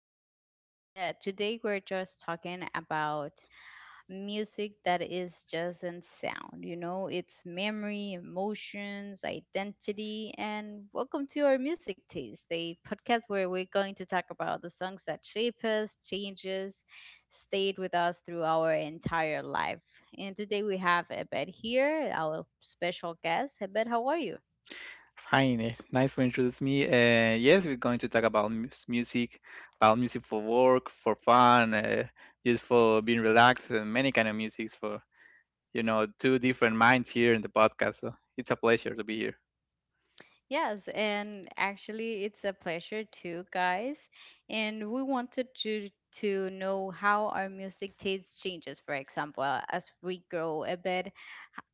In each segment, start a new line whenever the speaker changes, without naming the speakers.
Lucia and Abed. Today, we're just talking about music that is just in sound. You know, it's memory, emotions, identity, and welcome to our music taste, the podcast where we're going to talk about the songs that shape us, changes, stayed with us through our entire life. And today, we have Abed here, our special guest. Abed, how are you?
Fine, nice to introduce me. Yes, we're going to talk about music, about music for work, for fun, just for being relaxed, and many kind of musics for two different minds here in the podcast. So it's a pleasure to be here.
Yes, and actually, it's a pleasure too, guys. And we wanted to know how our music taste changes, for example, as we grow a bit.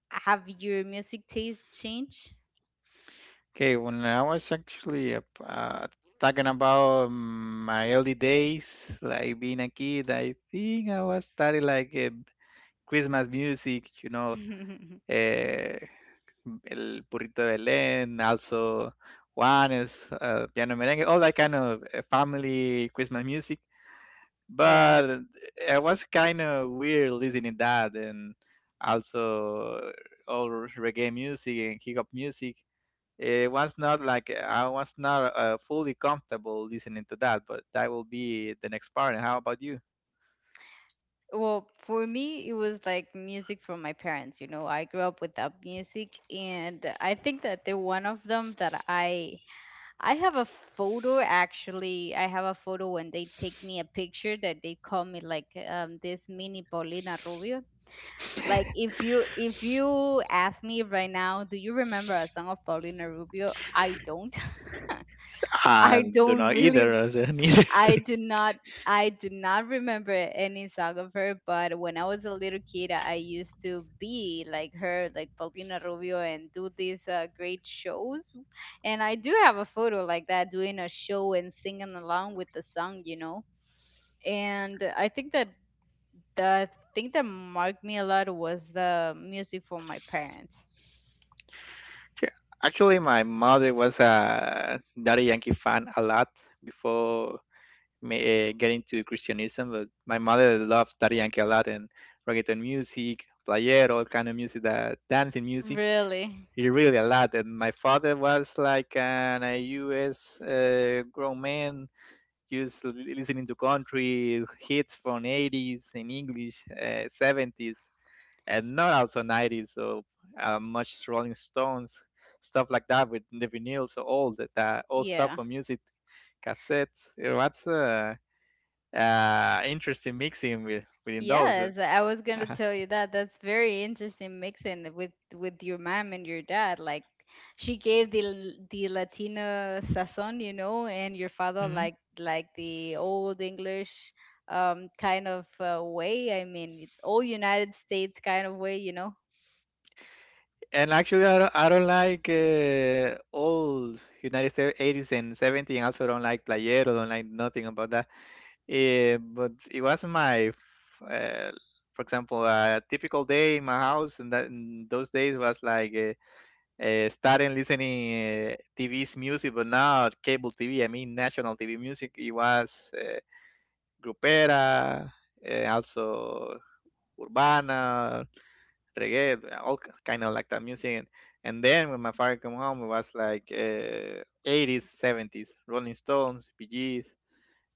Have your music taste changed?
Okay, when I was actually talking about my early days, like being a kid, I think I was studying like Christmas music. Uh, El Burrito de Belén, also Juan is piano merengue, all that kind of family Christmas music.
Yeah.
But it was kind of weird listening that and also all reggae music and hip hop music. It was not like I was not fully comfortable listening to that, but that will be the next part. And how about you?
Well, for me, it was like music from my parents. You know, I grew up without music, and I think that the one of them that I have a photo actually. I have a photo when they take me a picture that they call me like this mini Paulina Rubio. Like if you ask me right now, do you remember a song of Paulina Rubio? I don't.
I
I
do
don't
not
really
either. Neither.
I do not I do not remember any song of her, but when I was a little kid, I used to be like her, like Paulina Rubio, and do these great shows. And I do have a photo like that, doing a show and singing along with the song, you know. And I think that the thing that marked me a lot was the music from my parents.
Sure. Actually, my mother was a Daddy Yankee fan a lot before me, getting to Christianism. But my mother loves Daddy Yankee a lot and reggaeton music, playero, all kind of music, that dancing music.
Really?
He really a lot. And my father was like an a U.S. Grown man, just listening to country hits from 80s in English, 70s and not also 90s, so much rolling stones stuff like that with the vinyl, so all that, that old stuff
Yeah.
for music cassettes, uh, interesting mixing within those
Yes, I was gonna
uh
tell you that. That's very interesting mixing with your mom and your dad. Like she gave the the Latina sazon, you know, and your father
Mhm.
like the old English kind of way. I mean, old United States kind of way, you know.
And actually, I don't like old United States 80s and 70s. And also don't like playero, don't like nothing about that. But it was uh, for example, a typical day in my house, and that in those days was like starting listening TV's music, but not cable TV. I mean national TV music. It was grupera, also urbana, reggae, all kind of like that music. And then when my father came home, it was like 80s, 70s, Rolling Stones, Bee Gees,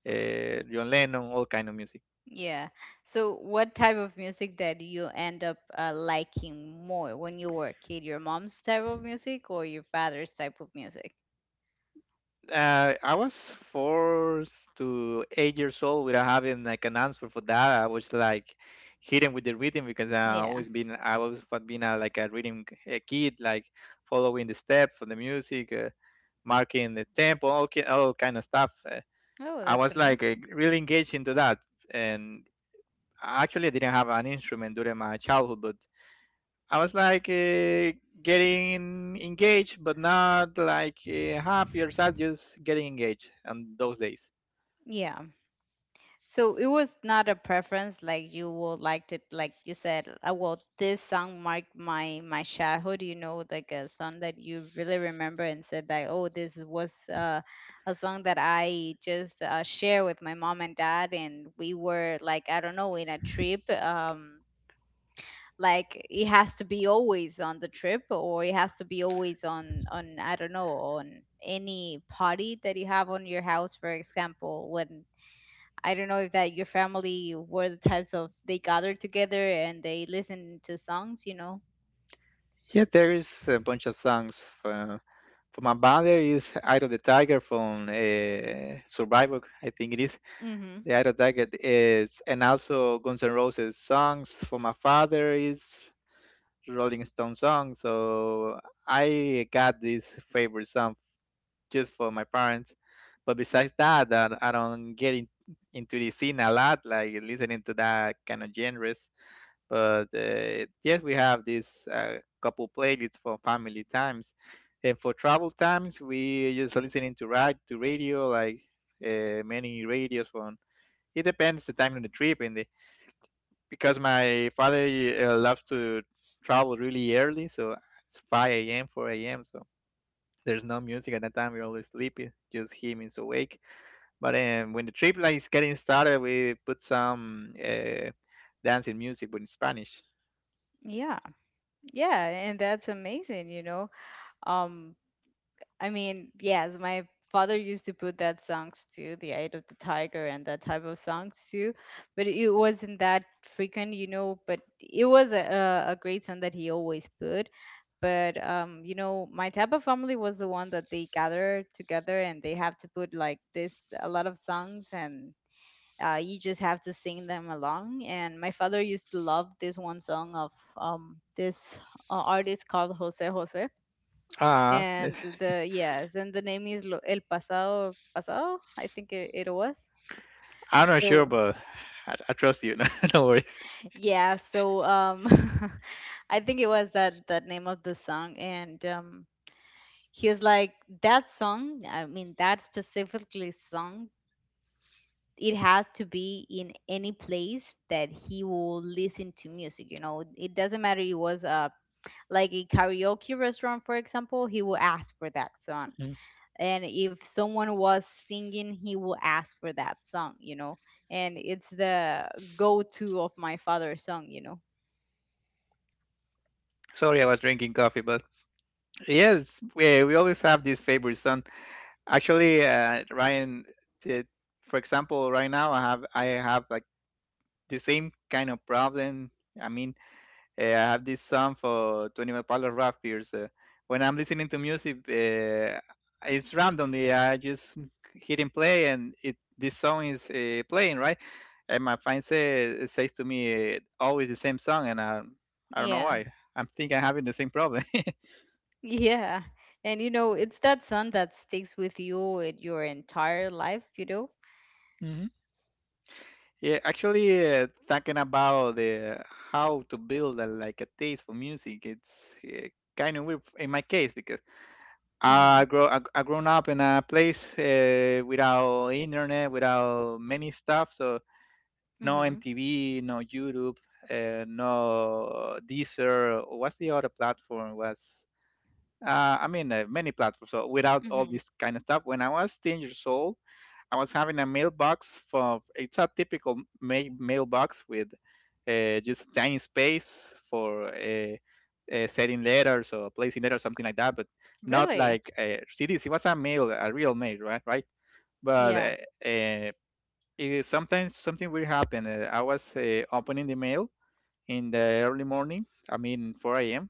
John Lennon, all kind of music.
Yeah. So what type of music that you end up liking more when you were a kid? Your mom's type of music or your father's type of music?
I was 4 to 8 years old without having like an answer for that. I was like hidden with the reading because
Yeah.
I always was been a, like a reading a kid, like following the steps of the music, marking the tempo, all kind of stuff.
Oh,
I
that's
was like
amazing.
really engaged into that, and I actually didn't have an instrument during my childhood, but. I was like getting engaged, but not like happy or sad, just getting engaged on those days.
Yeah. So it was not a preference like you would like to like you said, well, this song marked my childhood, you know, like a song that you really remember and said that, oh, this was a song that I just share with my mom and dad and we were like, I don't know, in a trip. Like it has to be always on the trip or it has to be always on I don't know, on any party that you have on your house, for example, when I don't know if that your family were the types of they gathered together and they listened to songs, you know.
Yeah, there is a bunch of songs from my band. There is Eye of the Tiger from Survivor, I think it is.
Mhm.
The Eye of the Tiger is, and also Guns N' Roses songs from my father is Rolling Stone songs. So I got this favorite song just for my parents. But besides that, that I don't get into the scene a lot, like listening to that kind of genres. But yes, we have this couple playlists for family times, and for travel times, we just listening to ride to radio, like many radios from. It depends the time of the trip and the because my father loves to travel really early, so it's 5 a.m., 4 a.m. So there's no music at that time. We're always sleepy. Just him is awake. But when the trip like is getting started, we put some dancing music, but in Spanish.
Yeah. Yeah, and that's amazing, you know. Um I mean, yes, my father used to put that songs too, the Eye of the Tiger and that type of songs too, but it wasn't that frequent, you know. But it was a a great song that he always put. But you know, my type of family was the one that they gather together and they have to put like this a lot of songs and you just have to sing them along. And my father used to love this one song of this artist called Jose Jose
Ah,
and the yes and the name is el pasado pasado I think it was
I'm not sure,
so
but I trust you. No, no worries.
yeah so I think it was that that name of the song and he was like that song I mean that specifically song it had to be in any place that he will listen to music, you know. It doesn't matter. It was like a karaoke restaurant, for example. He will ask for that song,
mm,
and if someone was singing, he will ask for that song, you know. And it's the go-to of my father's song, you know.
Sorry, I was drinking coffee, but yes, we always have this favorite song. Actually, Ryan, t- for example, right now I have like the same kind of problem. I mean, I have this song for 21 Pablo Rafiers. When I'm listening to music, it's randomly. I just hit and play, and it this song is playing, right? And my friend says to me, always the same song, and I don't know
Yeah.
why. I'm thinking I'm having the same problem.
Yeah, and you know it's that song that sticks with you in your entire life, you know.
Hmm. Yeah, actually, talking about the how to build a, like a taste for music, it's kind of weird in my case because
Mhm.
I grown up in a place without internet, without many stuff. So no
Mhm.
MTV, no YouTube, no Deezer. What's the other platform? Was I mean many platforms. So without all
Mhm.
this kind of stuff, when I was 10 years old, I was having a mailbox for it's a typical mailbox with just a tiny space for setting letters or placing letters, something like that, but not
Really.
like CDs. It was a mail, a real mail, right? Right? But
Yeah.
uh, it is sometimes something weird happened. I was opening the mail in the early morning. I mean 4 a.m.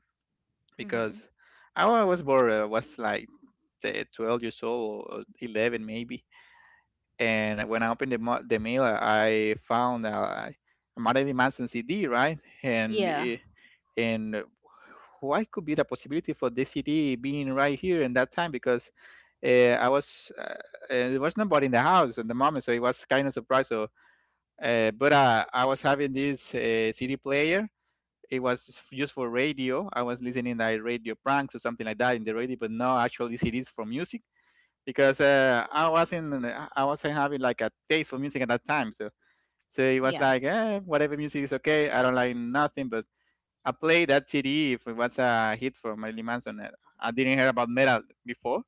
Mhm.
because I was bored. I was like 12 years old or 11 maybe, and when I opened the mail, I found a Marilyn Manson CD, right? And
Yeah.
it, and what could be the possibility for this CD being right here in that time? Because uh, I was there was nobody in the house at the moment, so it was
Mhm.
kind of surprise. So, but I was having this CD player. It was just for radio. I was listening like radio pranks or something like that in the radio, but no actually CDs for music because I wasn't having like a taste for music at that time. So it was
Yeah.
like whatever music is okay. I don't like nothing, but I played that CD if it was a hit for Marilyn Manson. I didn't hear about metal before,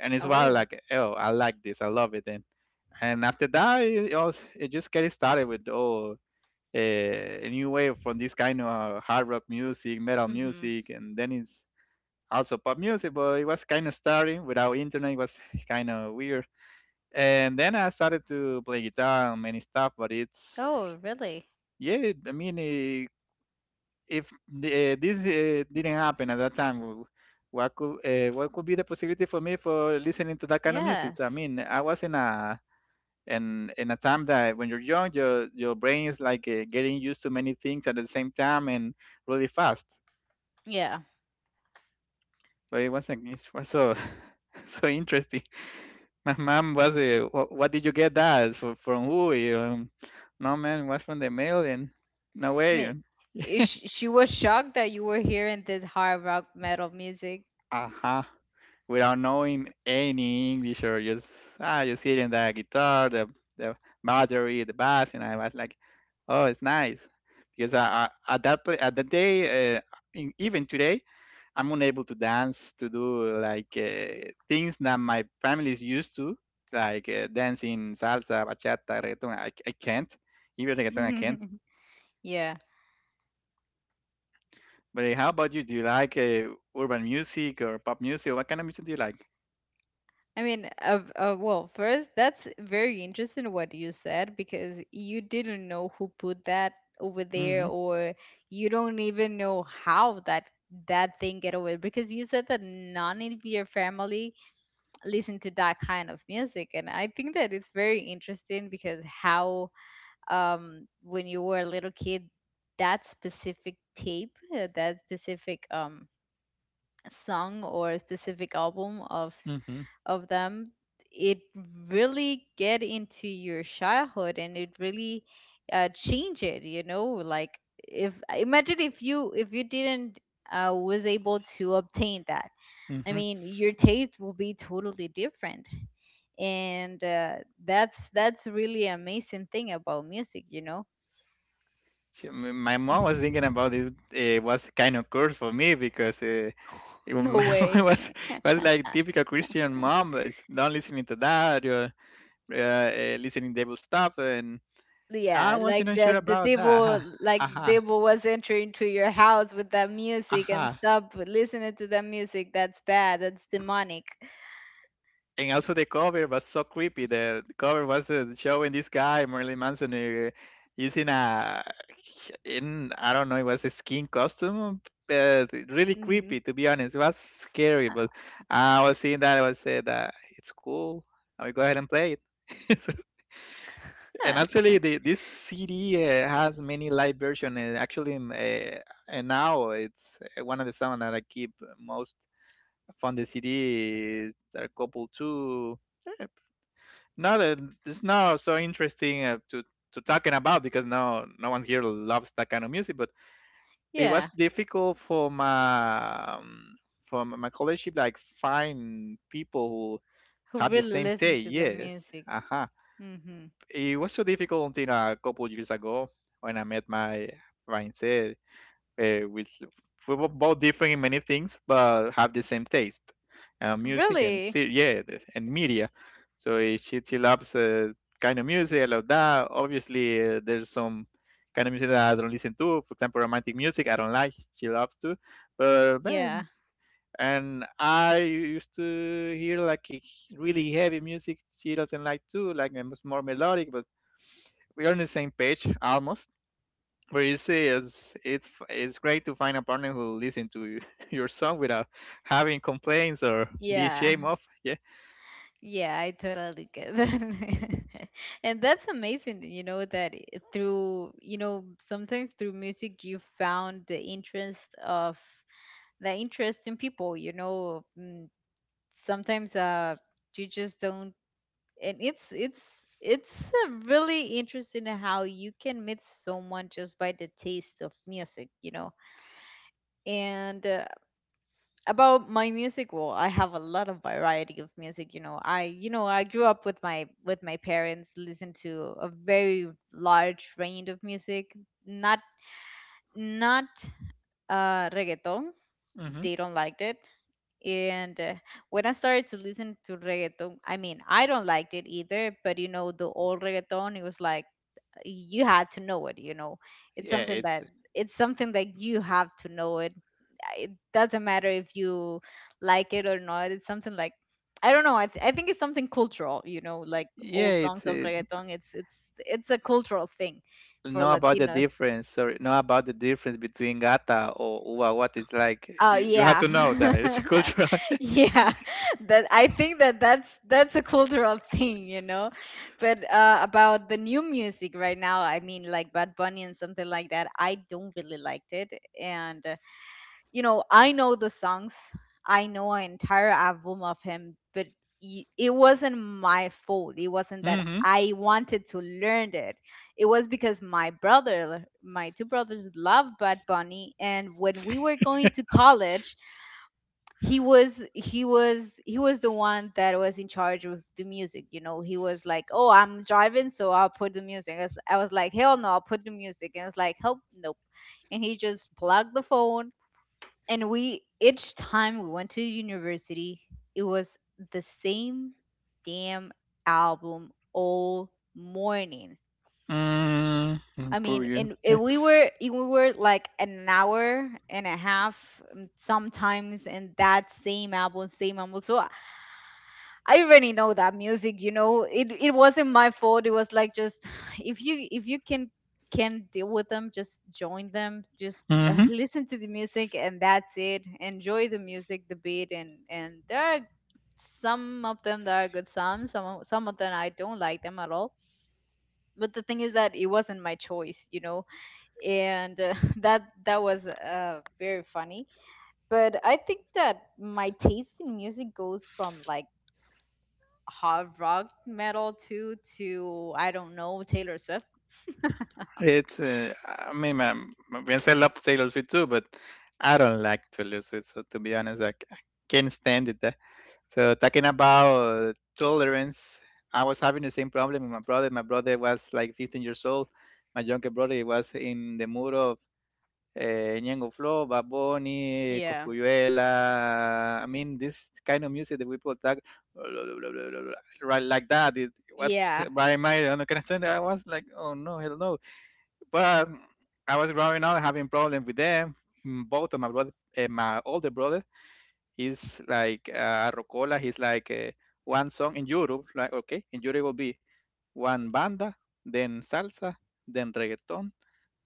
and it's why
Oh.
like oh I like this, I love it. And after that it just get started with oh. A new wave from this kind of hard rock music, metal
Mhm.
music, and then it's also pop music. But it was kind of starting without internet. It was kind of weird and then I started to play guitar and many stuff. But it's
Oh, really.
Yeah, I mean, eh, if the- eh, this eh, didn't happen at that time, what could be the possibility for me for listening to that kind of music? So, I
Yes.
mean, I was in a in in a time that when you're young, your brain is like getting used to many things at the same time and really fast.
Yeah,
Wait one second. It's was so so interesting. My mom what did you get that for, from who? No man, it was from the mail and no
I
way.
mean, she was shocked that you were hearing this hard rock metal music.
Uh-huh. Without knowing any English or just just hearing the guitar, the battery, the bass, and I was like, oh, it's nice because at that day, even today. I'm unable to dance, to do like things that my family is used to, like dancing, salsa, bachata, reggaeton. I can't. Even reggaeton, I can't.
Yeah.
But how about you? Do you like urban music or pop music? Or What kind of music do you like?
I mean, well, first, that's very interesting what you said because you didn't know who put that over
Mm-hmm.
there, or you don't even know how that that thing get over because you said that none of your family listen to that kind of music, and I think that it's very interesting because how when you were a little kid, that specific tape, that specific song or specific album
Mm-hmm.
of them, it really get into your childhood and it really change it. You know, like if imagine if you didn't was able to obtain that. I
Mm-hmm.
mean, your taste will be totally different, and that's really amazing thing about music, you know.
My mom was thinking about it. It was kind of curse for me because
No
my mom
way.
was like typical Christian mom. Is not listening to that. You're listening devil stuff and I
Yeah,
wasn't
like
unsure
the
about that. Aha,
devil, like the
aha,
devil was entering to your house with that music and
aha.
stop listening to that music. That's bad. That's demonic.
And also the cover was so creepy. The cover was showing this guy Marilyn Manson using a in I don't know it was a skin costume, but really
Hmm.
creepy to be honest. It was scary, but I was seeing that I was said that it's cool. I will go ahead and play it. And
Huh.
actually, this CD has many live versions. Actually, and now it's one of the songs that I keep most found the CD a couple too. eh, Not it's not so interesting to talking about because now no one here loves that kind of music. But it was
Yeah.
difficult for my college to, like find people who
Who
had the
really
same
listen
taste.
to the
Yes,
music?
uh-huh.
Hmm.
It was so difficult until a couple years ago when I met my fiancée with we were both different in many things, but have the same taste, music and
Really?
yeah, and media. So she loves kind of music. I love that. Obviously, there's some kind of music that I don't listen to. For example, romantic music I don't like. She loves to, but
Yeah.
and I used to hear like a really heavy music. She doesn't like too, like it's more melodic, but we are on the same page almost. But you see, it's great to find a partner who will listen to your song without having complaints or being
Yeah.
shame off. Yeah.
Yeah, I totally get that. And that's amazing. You know that through you know sometimes through music you found the interest of the interest in people, you know. Mm, sometimes you just don't and it's it's really interesting how you can meet someone just by the taste of music, you know. And about my music, well, I have a lot of variety of music, you know. I you know I grew up with my parents listen to a very large range of music, not not reggaeton.
Hmm.
They don't like it. And when I started to listen to reggaeton, I mean, I don't liked it either, but you know, the old reggaeton, it was like you had to know it, you know. It's
Yeah,
something
it's
that it's something that you have to know it. It doesn't matter if you like it or not. It's something like I don't know. I think it's something cultural, you know, like
yeah,
old
it's
songs of
it,
reggaeton. It's it's a cultural thing for
know about the
Latinos.
difference. Sorry, know about the difference between gata or uwa. What it's like.
Oh
You have
yeah.
to know that it's cultural.
Yeah. That I think that that's a cultural thing, you know. But about the new music right now, I mean like Bad Bunny and something like that, I don't really liked it and you know, I know the songs. I know an entire album of him, but it wasn't my fault. It wasn't that
Mm-hmm.
I wanted to learn it. It was because my brother, my two brothers, loved Bad Bunny, and when we were going to college, he was the one that was in charge of the music, you know. He was like, oh, I'm driving, so I'll put the music. I was like hell no, I'll put the music, and I was like help nope. And he just plugged the phone, and we each time we went to university it was the same damn album all morning.
Mm,
I
poor
mean,
you.
and we were like an hour and a half, sometimes. And that same album same album, so I already know that music, you know. It wasn't my fault. It was like just if you can deal with them, just join them. Just
Mm-hmm.
listen to the music and that's it. Enjoy the music, the beat, and there are some of them that are good songs. Some of them I don't like them at all. But the thing is that it wasn't my choice, you know. And that that was very funny. But I think that my taste in music goes from like hard rock metal too to I don't know Taylor Swift.
It's I mean, my fiance loves Taylor Swift too, but I don't like Taylor Swift. So to be honest, I can't stand it. So talking about tolerance, I was having the same problem with my brother. My brother was like 15 years old. My younger brother he was in the mood of Ñengo Flow, Bad Bunny,
Yeah.
Coscuyuela. I mean, this kind of music that we put that right like that. What's
Yeah.
Brian Mayer on the kind of thing? I was like, oh no, hell no. But I was growing up having problems with them. Mm. Both of my brother, my older brother is like Rocola, is like one song in Europe, like okay, in Europe will be one banda, then salsa, then reggaeton,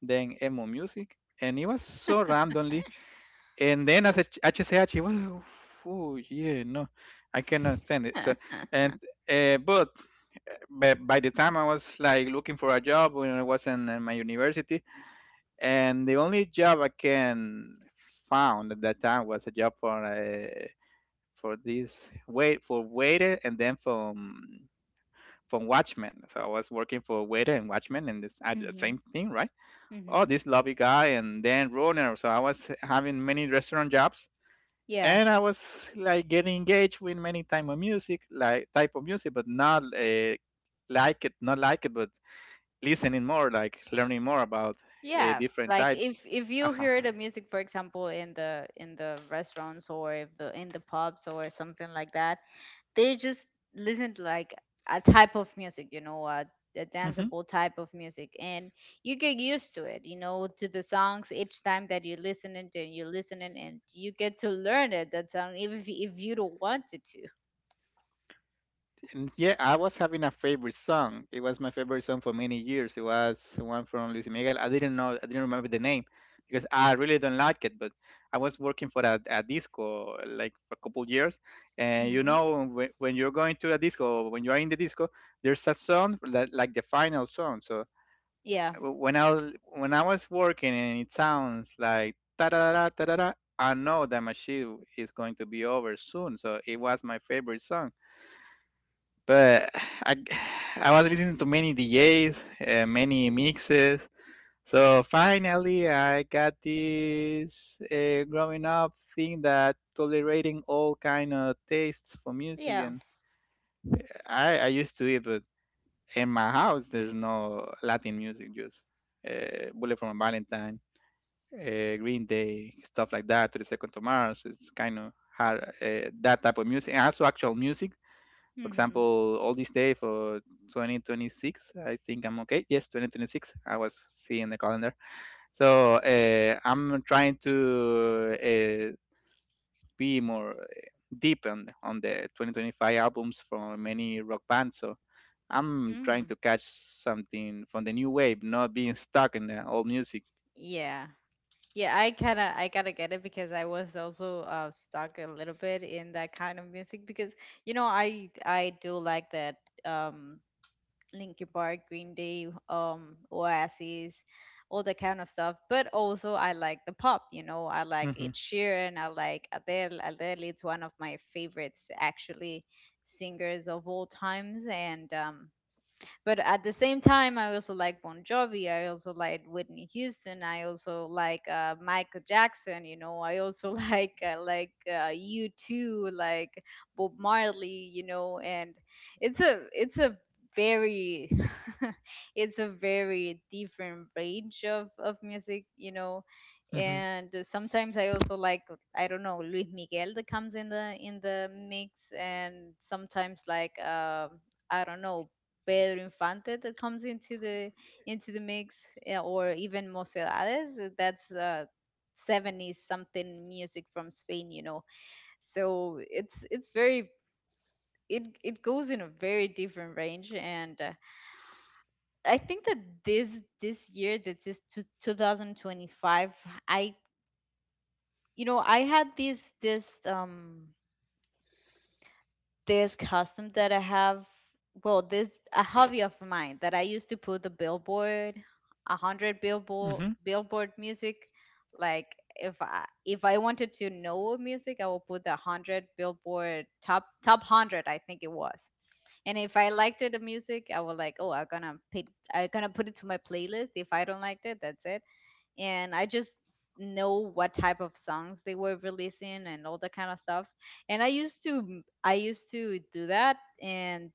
then emo music, and it was so randomly. And then as a HCH, it was oh yeah, no, I can understand it. So and uh, but but by the time I was like looking for a job when I was in my university, and the only job I can found at that time was a job for this waiter and then from Watchmen. So I was working for waiter and Watchmen and this I did the
Mhm.
same thing, right? Oh,
Mhm.
this lobby guy and then runner. So I was having many restaurant jobs
Yeah.
and I was like getting engaged with many type of music, like type of music, but not like it, not like it, but listening more, like learning more about
Yeah.
different
Like
types.
if you
Uh-huh.
hear the music, for example, in the restaurants or if the in the pubs or something like that, they just listen to like a type of music, you know, a
Mm-hmm.
danceable type of music, and you get used to it, you know, to the songs each time that you listen it, and you listen and you get to learn it that song even if you don't want it to.
And yeah, I was having a favorite song. It was my favorite song for many years. It was one from Luis Miguel. I didn't remember the name because I really don't like it. But I was working for a disco like for a couple years, and
Hmm.
when you're going to a disco, when you are in the disco, there's a song that like the final song. So
Yeah,
when I was working and it sounds like ta da da da da da, I know that my shift is going to be over soon. So it was my favorite song but I I was listening to many DJs, many mixes. So finally, I got this growing up thing that tolerating all kind of tastes for music,
yeah,
and I used to it, but in my house there's no Latin music, just Bullet from a Valentine, Green Day, stuff like that. To the Second to Mars, it's kind of hard that type of music, and also actual music for
hmm,
example, all this day for 2026, I think I'm okay. Yes, 2026. I was seeing the calendar. So I'm trying to be more deep on the 2025 albums from many rock bands. So I'm trying
mm,
to catch something from the new wave, not being stuck in the old music.
yeah. Yeah, I kind of I gotta get it because I was also stuck a little bit in that kind of music because you know I do like that um Linkin Park, Green Day, Oasis, all that kind of stuff. But also, I like the pop. You know, I like
Mm-hmm.
Ed Sheeran. I like Adele. Adele is one of my favorites, actually, singers of all times. And but at the same time, I also like Bon Jovi. I also like Whitney Houston. I also like Michael Jackson. You know, I also like you too, like Bob Marley. You know, and it's a very it's a very different range of music. You know,
Mm-hmm.
and sometimes I also like, I don't know, Luis Miguel, that comes in the mix, and sometimes like I don't know, Pedro Infante that comes into the mix, or even Mocedades. That's 70s something music from Spain, you know. So it's very, it goes in a very different range, and I think that this year, that this two, 2025, I, you know, I had this this custom that I have, well, this, a hobby of mine, that I used to put the billboard, a hundred billboard
Mm-hmm.
music. Like if I wanted to know music, I will put the hundred billboard top hundred. I think it was. And if I liked it, the music, I was like, oh, I'm gonna pay, I'm gonna put it to my playlist. If I don't like it, that's it, and I just know what type of songs they were releasing and all that kind of stuff. And I used to I used to do that, and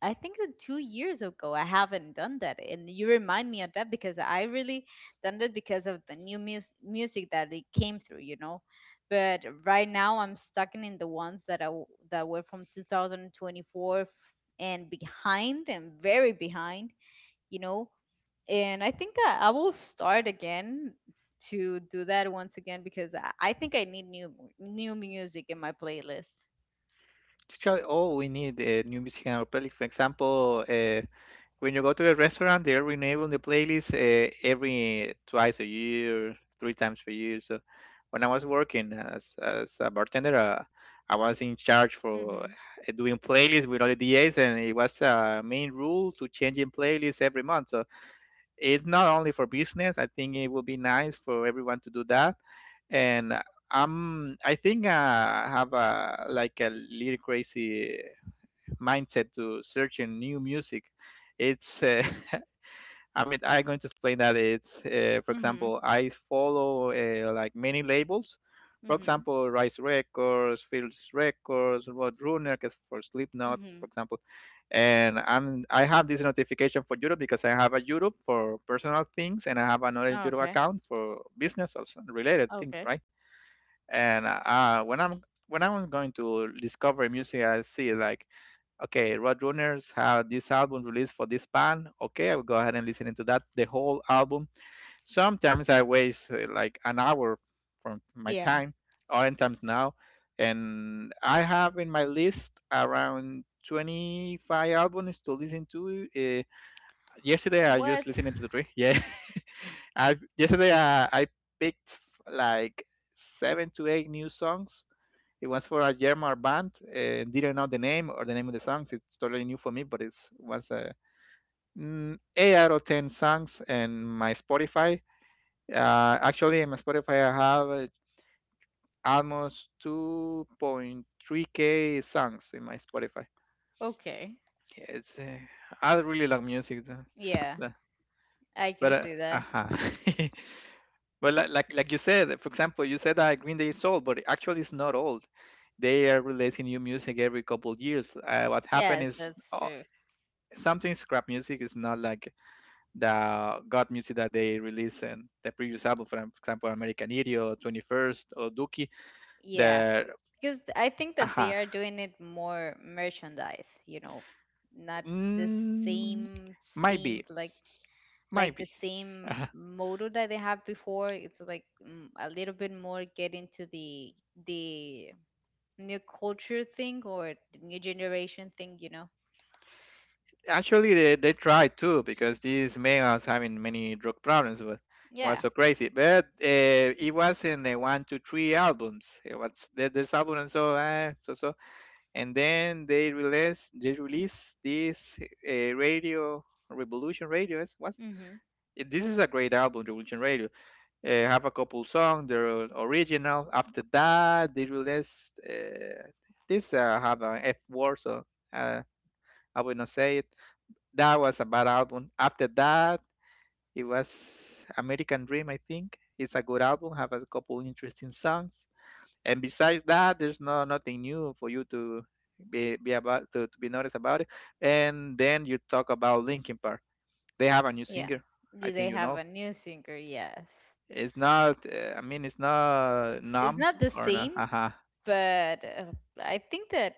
I think that 2 years ago I haven't done that. And you remind me of that because I really done that because of the music that it came through, you know. But right now I'm stuck in the ones that that were from 2024 and behind and very behind, you know. And I think I will start again to do that once again because I think I need new music in my playlist.
Actually, all we need new music in our playlist. For example, when you go to the restaurant, they're renewing the playlist every twice a year, three times per year. So when I was working as a bartender, I was in charge for
Mhm.
doing playlists with all the DAs, and it was a main rule to changing playlists every month. So it's not only for business. I think it will be nice for everyone to do that. And I think I have a like a little crazy mindset to searching new music. It's I mean, I'm going to explain that it's, for
Mhm.
example, I follow like many labels. For
Mhm.
example, Rise Records, Fields Records, Roadrunner, because for Slipknot, for
Mhm.
example. And I have this notification for Europe because I have a Europe for personal things, and I have another
Oh,
Europe
okay.
account for business or some related things,
Okay.
right? And when I'm going to discover music, I see like okay, Roadrunners had this album released for this band. Okay, I'll go ahead and listen into that, the whole album. Sometimes I waste like an hour from my
Yeah.
time, oftentimes now. And I have in my list around 25 albums to listen to. Yesterday I
What?
just listened to the three. Yeah. I yesterday I picked like seven to eight new songs. It was for a German band. Didn't know the name or the name of the songs. It's totally new for me, but it was eight out of ten songs. In my Spotify, actually, in my Spotify, I have almost 2.3K songs in my Spotify.
Okay.
It's I really love music. Though.
Yeah,
Yeah.
I can
But
see
uh,
that.
uh but like, like you said, for example, you said that Green Day is old, but actually it's not old. They are releasing new music every couple of years. What
Yes,
happened is
that's
uh,
true.
sometimes scrap music is not like the god music that they released in the previous album, for example american idiot 21st or dookie.
Yeah,
There.
because I think that they are
Uh-huh.
doing it more merchandise, you know, not the
Mm,
same
might
same
be,
like
might
like the
be.
same
Uh-huh.
motto that they have before. It's like, a little bit more get into the new culture thing or the new generation thing, you know.
Actually they tried too because this man was having many drug problems but it was
Yeah.
so crazy but it was in the one two three albums it was there's album and so and then they release this radio, revolution radio is what.
Mm-hmm.
This is a great album, revolution radio, have a couple songs they're original. After that they released this have an f word so uh, I will not say it. That was a bad album. After that it was american dream, I think it's a good album, have a couple interesting songs. And besides that, there's no nothing new for you to be about to be noticed about it. And then you talk about Linkin Park. They have a new
Yeah,
singer. I
do
think
they
you
have
know.
a new singer? Yes,
It's not. I mean, it's not
it's
numb
not the
or not.
same,
Uh-huh.
but I think that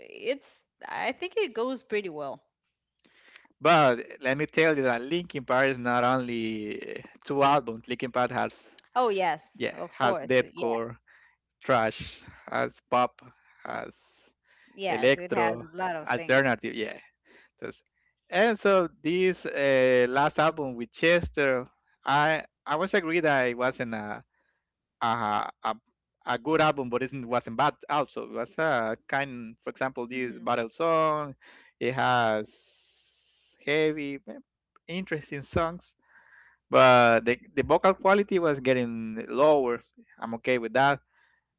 it's, I think it goes pretty well.
But let me tell you that Linkin Park is not only two albums. Linkin Park has
Oh yes,
yeah
of
has
course, yeah.
deathcore, trash, has pop, has
Yes, it has
electro,
a lot of things.
alternative. Yeah. Just- and so this last album with Chester, I was agree that it wasn't a, a a good album, but it wasn't bad. Also, it was a kind. For example, this
Hmm.
battle song, it has heavy, interesting songs, but the vocal quality was getting lower. I'm okay with that.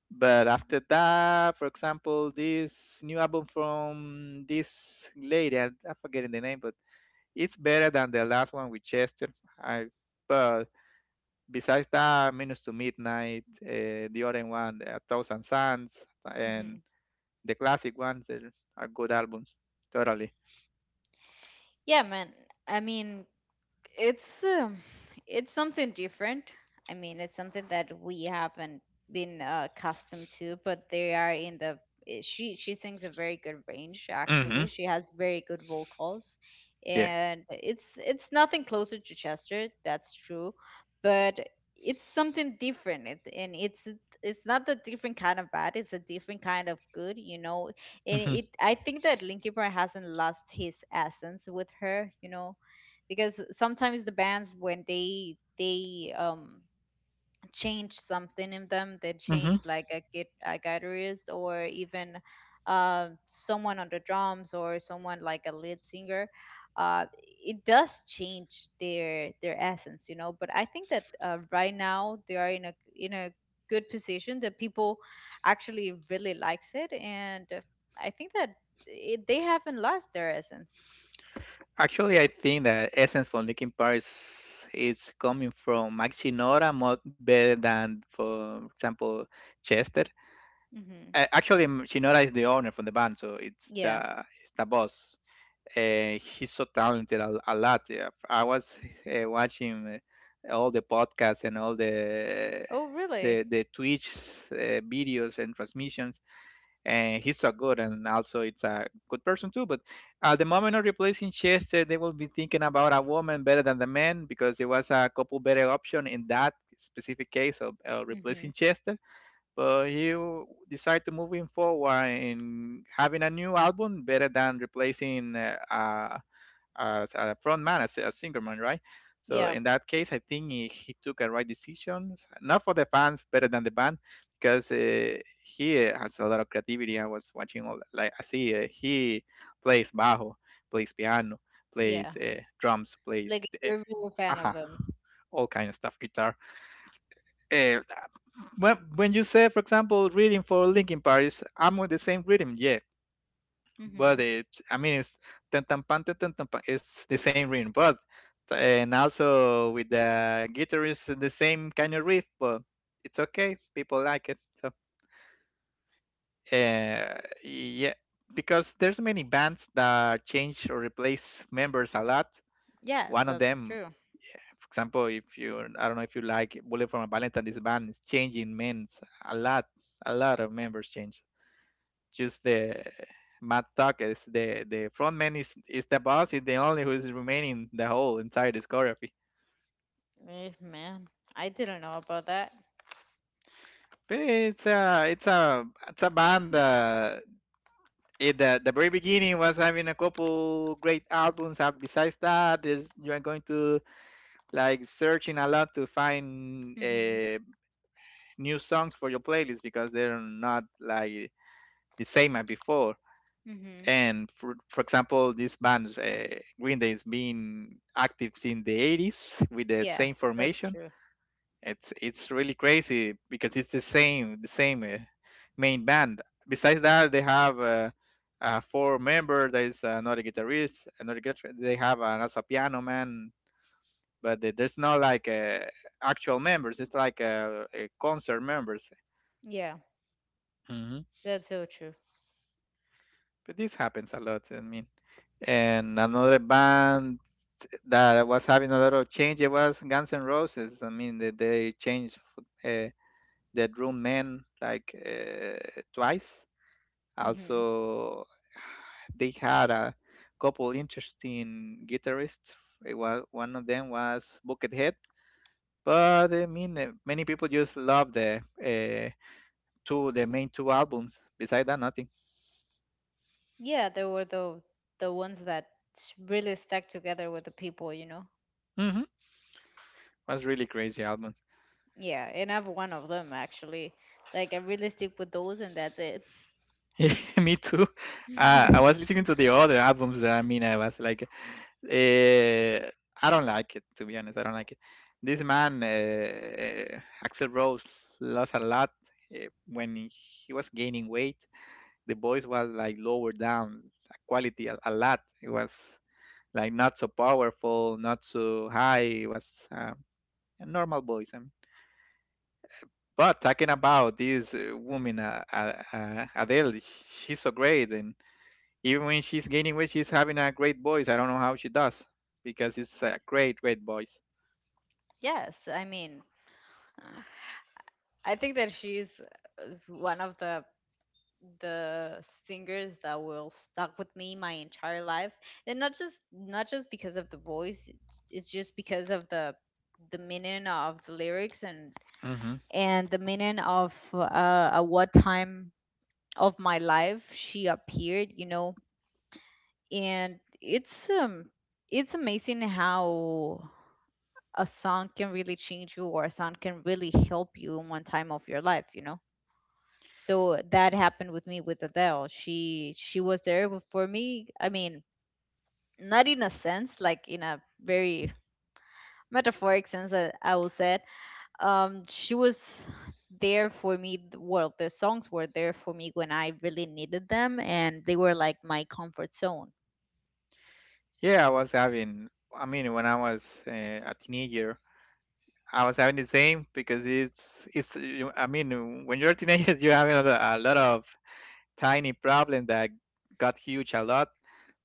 But after that, for example, this new album from this lady, I'm forgetting the name, but it's better than the last one with Chester. I, but besides that, Minutes to Midnight, the other one, A Thousand Suns, and
Hmm.
the classic ones are good albums. Totally.
Yeah, man, I mean, it's it's something different. I mean, it's something that we haven't been accustomed to, but they are in the, she sings a very good range,
hmm
actually. She has very good vocals,
Yeah.
and it's nothing closer to Chester, that's true, but it's something different, and it's not a different kind of bad, it's a different kind of good, you know. And
hmm
it I think that Linkin Park hasn't lost his essence with her, you know, because sometimes the bands, when they change something in them, they
hmm
change like a guitarist or even someone on the drums or someone like a lead singer. uh, it does change their essence, you know. But I think that right now they are in a good position that people actually really likes it. And I think that they haven't lost their essence.
Actually, I think the essence from Linkin Park is coming from Mike Shinoda more better than, for example, Chester.
Hmm.
Actually, Shinoda is the owner from the band, so it's
Yeah.
the it's the boss. He's so talented a lot. Yeah. I was watching all the podcasts and all the
Oh really?
the the Twitch videos and transmissions, and he's so good. And also, it's a good person too. But at the moment of replacing Chester, they will be thinking about a woman better than the man because it was a couple better option in that specific case of replacing
Mm-hmm.
Chester. But he decided to moving forward in having a new album better than replacing a as a front man, as a singer man, right? So
Yeah,
in that case, I think he took a right decision, not for the fans, better than the band, because he has a lot of creativity. I was watching, all, like I see, he plays bajo, plays piano, plays
yeah.
drums, plays
Like you're really a fan
aha,
of them.
all kind of stuff, guitar. Uh, when you say, for example, reading for Linkin Park, is I'm with the same rhythm. Yes, but
Mm-hmm.
it I mean it's tan tan pan, tan tan tan pan, it's the same ring, but and also with the guitar is the same kind of riff, but it's okay, people like it so yeah, because there's many bands that change or replace members a lot.
Yes,
One of
that's
them,
true.
for example, if you, I don't know if you like Bullet for a Valentine, this band is changing men's a lot. A lot of members change. Just the Matt Tuck is the front man, is the boss. He's the only who is remaining the whole entire discography.
Eh, man, I didn't know about that.
But it's a band. At the very beginning was having a couple great albums. And besides that, there's, you are going to like searching a lot to find
Mm-hmm.
new songs for your playlist because they're not like the same as before.
Mm-hmm.
And for example, this band, Green Day, has been active since the 80s with the same
Yes, that's
formation.
true.
It's really crazy because it's the same main band. Besides that, they have four member. There is another guitarist, another guitar. They have an, also a piano man, but there's no like actual members. It's like concert members.
Yeah,
Mhm.
that's so true.
But this happens a lot. I mean, and another band that was having a lot of change. It was Guns N' Roses. I mean, they changed f- uh, the drum man like twice.
Mm-hmm.
Also, they had a couple interesting guitarists. It was one of them was Buckethead. But I mean, many people just love the two, the main two albums. Besides that, nothing.
Yeah, they were the ones that really stuck together with the people, you know.
Hmm. Was really crazy albums.
Yeah, and I'm one of them actually. Like I really stick with those, and that's it.
Yeah, me too. I was listening to the other albums. I mean, I was like, eh, I don't like it, to be honest. I don't like it. This man, Axel Rose, lost a lot when he was gaining weight. The voice was like lower down quality a lot. It was like not so powerful, not so high. It was a normal voice, I mean. But talking about this woman, Adele, she's so great. And even when she's gaining weight, she's having a great voice. I don't know how she does because it's a great, great voice.
Yes, I mean, uh, I think that she's one of the singers that will stuck with me my entire life. And not just, not just because of the voice, it's just because of the meaning of the lyrics,
Hmm.
and the meaning of at what time of my life she appeared, you know. And it's amazing how a song can really change you, or a song can really help you in one time of your life, you know. So that happened with me with Adele. She was there for me. I mean, not in a sense like in a very metaphoric sense that I will say it. She was there for me, well, the songs were there for me when I really needed them, and they were like my comfort zone.
Yeah, I was having. I mean, when I was a teenager, I was having the same because it's. I mean, when you're a teenager, you're having a lot of tiny problems that got huge a lot.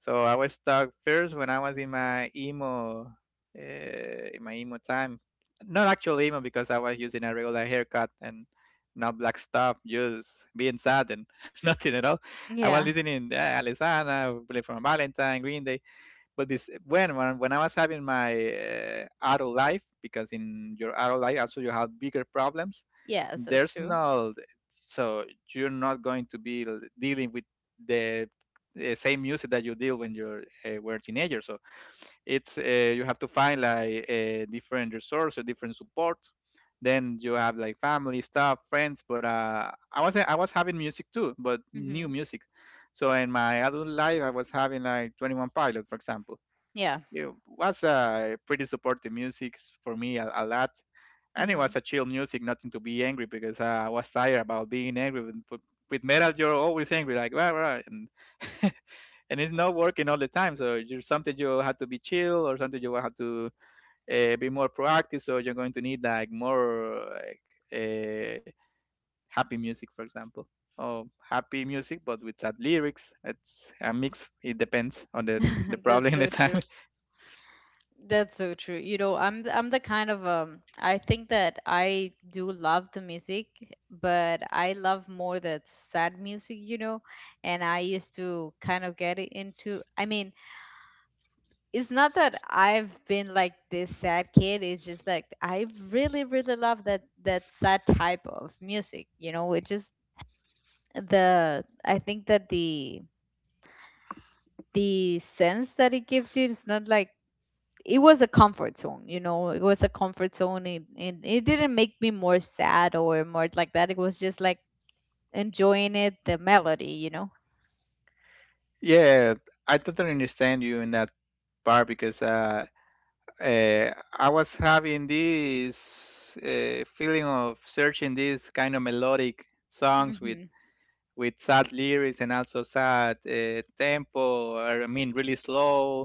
So I was stuck first when I was uh, in my emo time. Not actually emo because I was using a regular haircut and not black stuff, just being sad and nothing at all. I was
Yeah.
listening Alessandra, Bullet from Valentine, Green Day. But this when I was having my adult life, because in your adult life also you have bigger problems.
Yes, that's
There's
true.
no, so you're not going to be dealing with the same music that you deal when you're were a teenager. So it's, you have to find like different resources, different support. Then you have like family stuff, friends. But I was having music too, but new
Mhm.
music. So in my adult life, I was having like 21 Pilot, for example.
Yeah.
It was pretty supportive music for me a lot. And it
Mhm.
was a chill music, nothing to be angry because I was tired about being angry. With metal, you're always angry, like, rah, rah, and and it's not working all the time. So you something you have to be chill, or something you have to be more proactive. So you're going to need like more like uh, happy music, for example, or happy music but with sad lyrics. It's a mix. It depends on the problem
That's
and the
so
time.
true. That's so true. You know, I'm the kind of I think that I do love the music, but I love more that sad music, you know. And I used to kind of get into, I mean, it's not that I've been like this sad kid. It's just like I really, really love that sad type of music. You know, it just, the, I think that the sense that it gives you is not like, it was a comfort zone. You know, it was a comfort zone, and it didn't make me more sad or more like that. It was just like enjoying it, the melody, you know.
Yeah, I totally understand you in that part because I was having this feeling of searching these kind of melodic songs
Hmm.
with sad lyrics and also sad tempo. Or, I mean, really slow,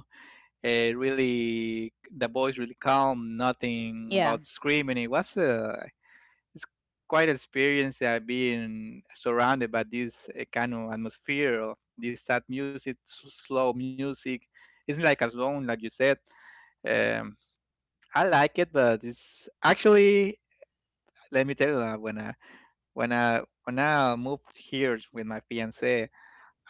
really the voice really calm, nothing
Yeah.
about screaming. It was, it's quite an experience being surrounded by this kind of atmosphere of this sad music slow music. It's like a zone like you said. Um, I like it, but it's actually, let me tell you, when I moved here with my fiance,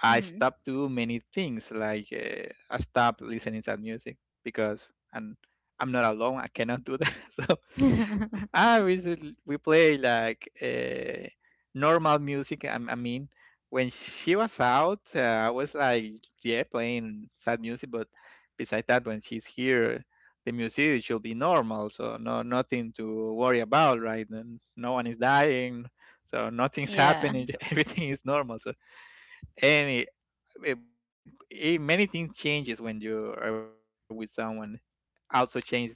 I
Hmm.
stopped doing many things, like I stopped listening to music because and I'm not alone, I cannot do that. Ah, we play like normal music. I mean, when she was out, I was like, yeah, playing sad music. But besides that, when she's here, the music should be normal, so no nothing to worry about, right? And no one is dying, so nothing's
Yeah.
happening. Everything is normal. So any many things changes when you are with someone. Also changes the music. No,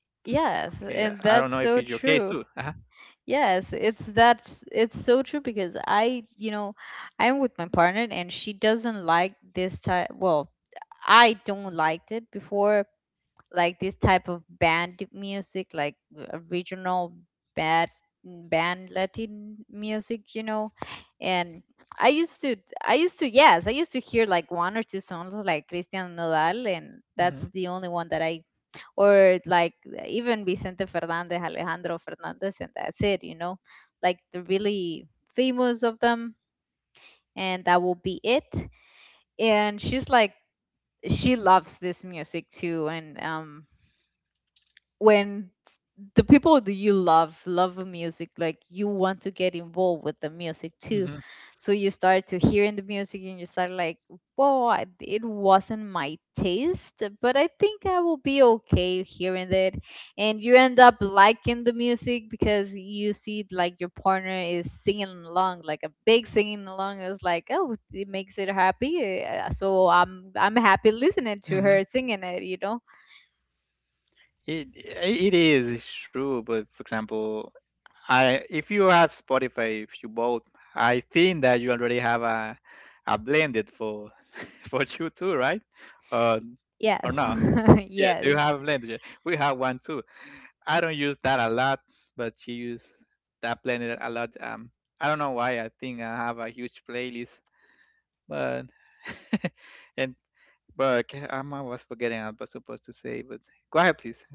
okay. I don't
Yes,
know if it's your
and
case
that's
too.
so
Uh-huh.
true. Yes, it's that's, it's so true because I, you know, I'm with my partner and she doesn't like this type. Well, I don't liked it before, like this type of band music, like regional band band Latin music, you know. And I used to, I used to, yes, I used to hear like one or two songs like Christian Nodal, and that's the only one that or like even Vicente Fernandez, Alejandro Fernandez, and that's it, you know, like the really famous of them, and that will be it. And she's like, she loves this music too, and when the people that you love love a music, like, you want to get involved with the music too.
Hmm.
So you start to hearing the music, and you start like, whoa, it wasn't my taste, but I think I will be okay hearing it. And you end up liking the music because you see like your partner is singing along, like a big singing along. It's like, oh, it makes it happy. So I'm happy listening to
Mhm.
her singing it, you know.
It it is, it's true, but for example, I if you have Spotify, if you both, I think that you already have a blended for for you too, right? Uh,
Yes.
or no? Yeah, do
Yes.
you have blended? Yeah, we have one too. I don't use that a lot, but she use that blended a lot. I don't know why. I think I have a huge playlist, but. And but ca I was forgetting I was supposed to say, but go ahead, please.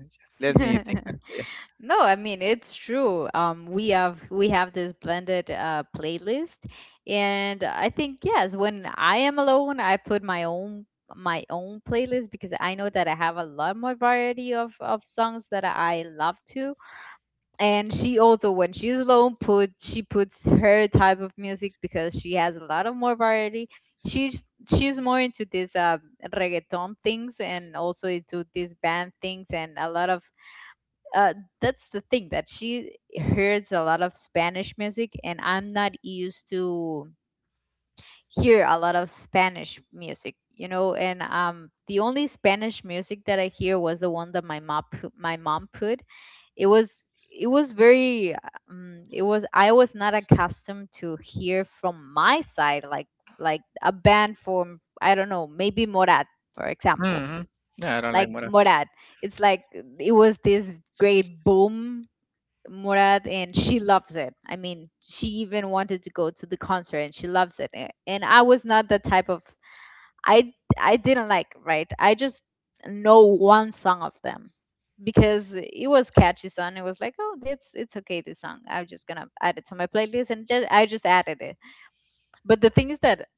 Let me think. Yeah.
No, I mean it's true. We have this blended playlist, and I think, yes, when I am alone, I put my own, my own playlist, because I know that I have a lot more variety of songs that I love to. And she also, when she's alone, put she puts her type of music because she has a lot of more variety. She's she's more into this reggaeton things and also into these band things and a lot of uh, that's the thing that she hears a lot of Spanish music, and I'm not used to hear a lot of Spanish music, you know. And the only Spanish music that I hear was the one that my mom put, my mom put. It was, it was very, it was, I was not accustomed to hear from my side like a band from I don't know, maybe Morat, for example,
Mhm. No, I don't like
like
Mora.
Morat, it's like, it was this great boom, Murad, and she loves it. I mean, she even wanted to go to the concert and she loves it. And I was not the type of, I didn't like, right? I just know one song of them because it was catchy song. It was like, oh, it's okay this song. I'm just gonna add it to my playlist, and just I just added it. But the thing is that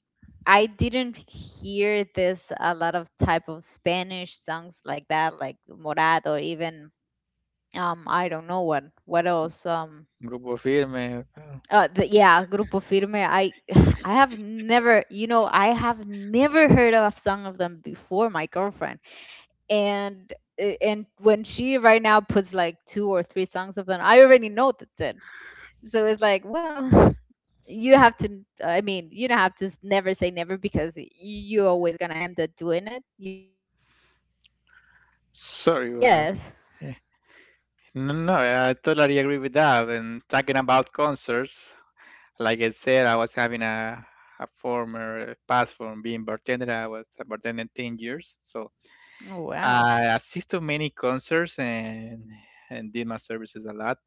I didn't hear this a lot of type of Spanish songs like that, like Morad, or even I don't know what else.
Grupo Firme. Oh,
Yeah, Grupo Firme. I I have never, you know, I have never heard of a song of them before. My girlfriend, and and when she right now puts like two or three songs of them, I already know that's it. So it's like, well, you have to. I mean, you don't have to never say never, because you're always gonna end up doing it, you know. So
sorry. Wow.
yes.
Eh, no, no, I totally agree with that. And talking about concerts, like I said, I was having a former past from being bartender. I was a bartender 10 years. So
Oh wow.
I assisted many concerts and did my services a lot.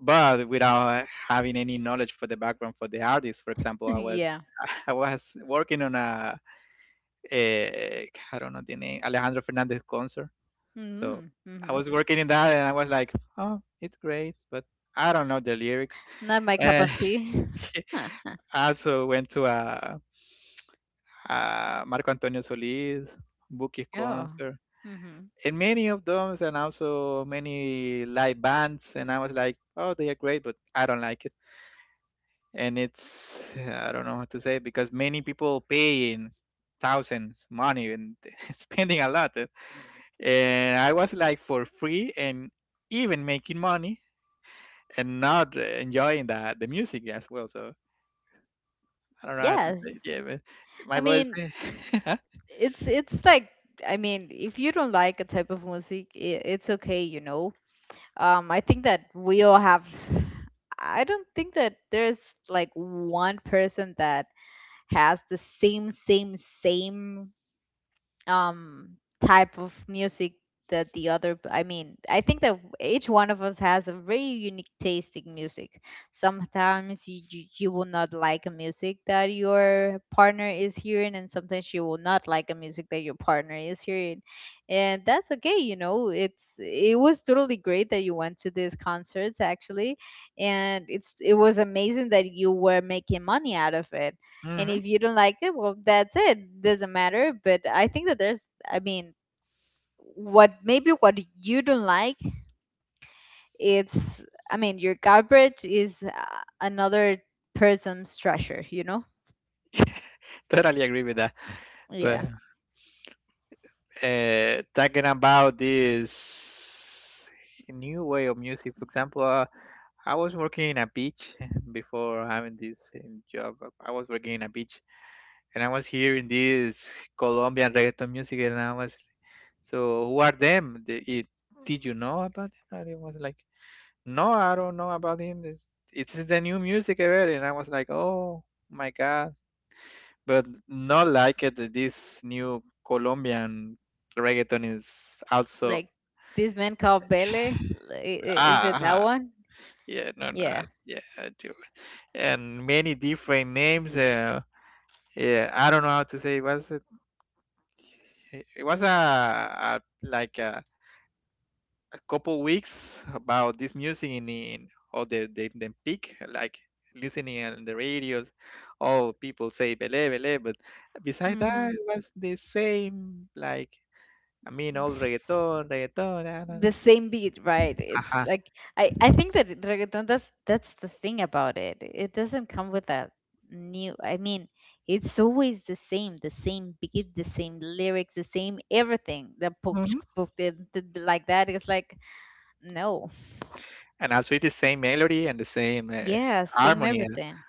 But without having any knowledge for the background for the artist, for example, I was
Yeah.
I was working on a, I don't know the name, Alejandro Fernandez concert. So
Mm-hmm.
I
Mm-hmm.
was working in that and I was like, oh, it's great, but I don't know the lyrics.
Not my cup
And
of tea. Oh.
I also went to a Marco Antonio Solis, Buki's concert,
Mm-hmm.
and many of those and also many live bands, and I was like, oh, they are great but I don't like it. And it's I don't know what to say because many people pay in thousands money and spending a lot, and I was like for free and even making money and not enjoying the music as well. So I don't know how to say
Yes.
it. Yeah, but my
I
brother.
mean, it's like, I mean, if you don't like a type of music, I it's okay, you know. I think that we all have. I don't think that there's like one person that has the same um type of music that the other. I think that each one of us has a very unique taste in music. Sometimes you will not like a music that your partner is hearing, and sometimes you will not like a music that your partner is hearing. And that's okay, you know. It was totally great that you went to these concerts, actually, and it was amazing that you were making money out of it. And
Hmm.
if you don't like it, well, that's it doesn't matter. But I think that there's, I mean, what, maybe what you don't like it's I mean your garbage is another person's treasure, you know.
Totally agree with that, but.
Yeah,
Talking about this new way of music. For example, I was working in a beach before having this job. I was working in a beach and I was hearing this Colombian reggaeton music, and I was so who are them? The, it, did you know about them? And it was like, no, I don't know about him. It's the new music ever. And I was like, oh my God, but not like it that this new Colombian reggaeton is also
like this man called Bele, is
ah
it that
uh-huh.
one?
Yeah, no, no,
Yeah.
yeah I do. And many different names. Uh, yeah, I don't know how to say, was it, it was a like a couple weeks about this music in all the the peak, like listening on the radios, all people say bele bele, but beside
Mm-hmm.
that it was the same like mean old reggaeton, reggaeton, ah, la, la.
The same beat, right? It's
Uh,
like, I think that reggaeton, that's the thing about it. It doesn't come with a new. I mean, it's always the same beat, the same lyrics, the same everything. The poach
mhm.
poach, the like that. It's like no,
And also it's the same melody and the same
yeah, same
harmony.
everything.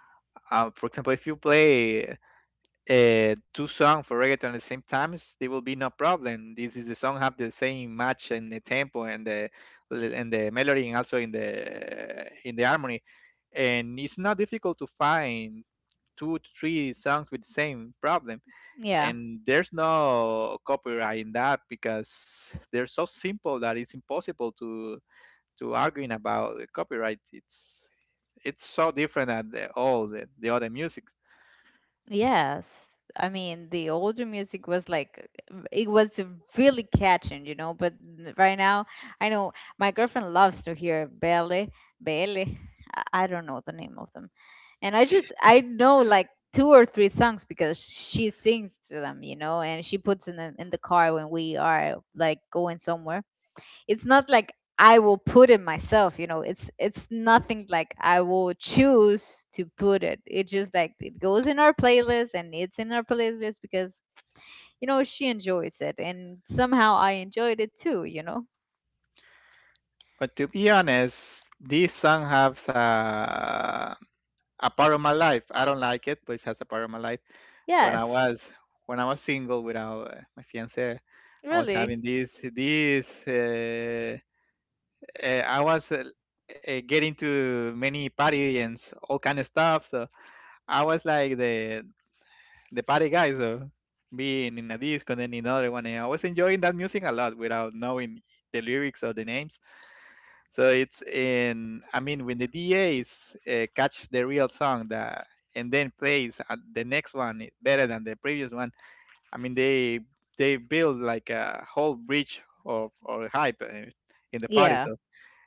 For example, if you play two songs for reggaeton at the same time, there will be no problem. This is the song have the same match and the tempo and the melody and also in the harmony. And it's not difficult to find two to three songs with the same problem.
Yeah.
And there's no copyright in that because they're so simple that it's impossible to arguing about the copyright. It's so different than the, all the other music.
Yes. I mean, the older music was like, it was really catching, you know. But right now, I know my girlfriend loves to hear Belle, Belle. I don't know the name of them. And I just, I know like two or three songs because she sings to them, you know, and she puts in the car when we are like going somewhere. It's not like I will put it myself, you know. It's nothing like I will choose to put it. It just like it goes in our playlist, and it's in our playlist because you know she enjoys it, and somehow I enjoyed it too, you know.
But to be honest, this song has a part of my life. I don't like it, but it has a part of my life. When
Yes,
I was when I was single without my fiance, I was
really.
having this I was getting to many party and all kind of stuff. So I was like the party guy. So being in a disco and then in another one, and I was enjoying that music a lot without knowing the lyrics or the names. So it's in. I mean, when the DAs catch the real song that and then plays the next one, eh, better than the previous one. I mean, they build like a whole bridge of or hype in the party.
Yeah.
So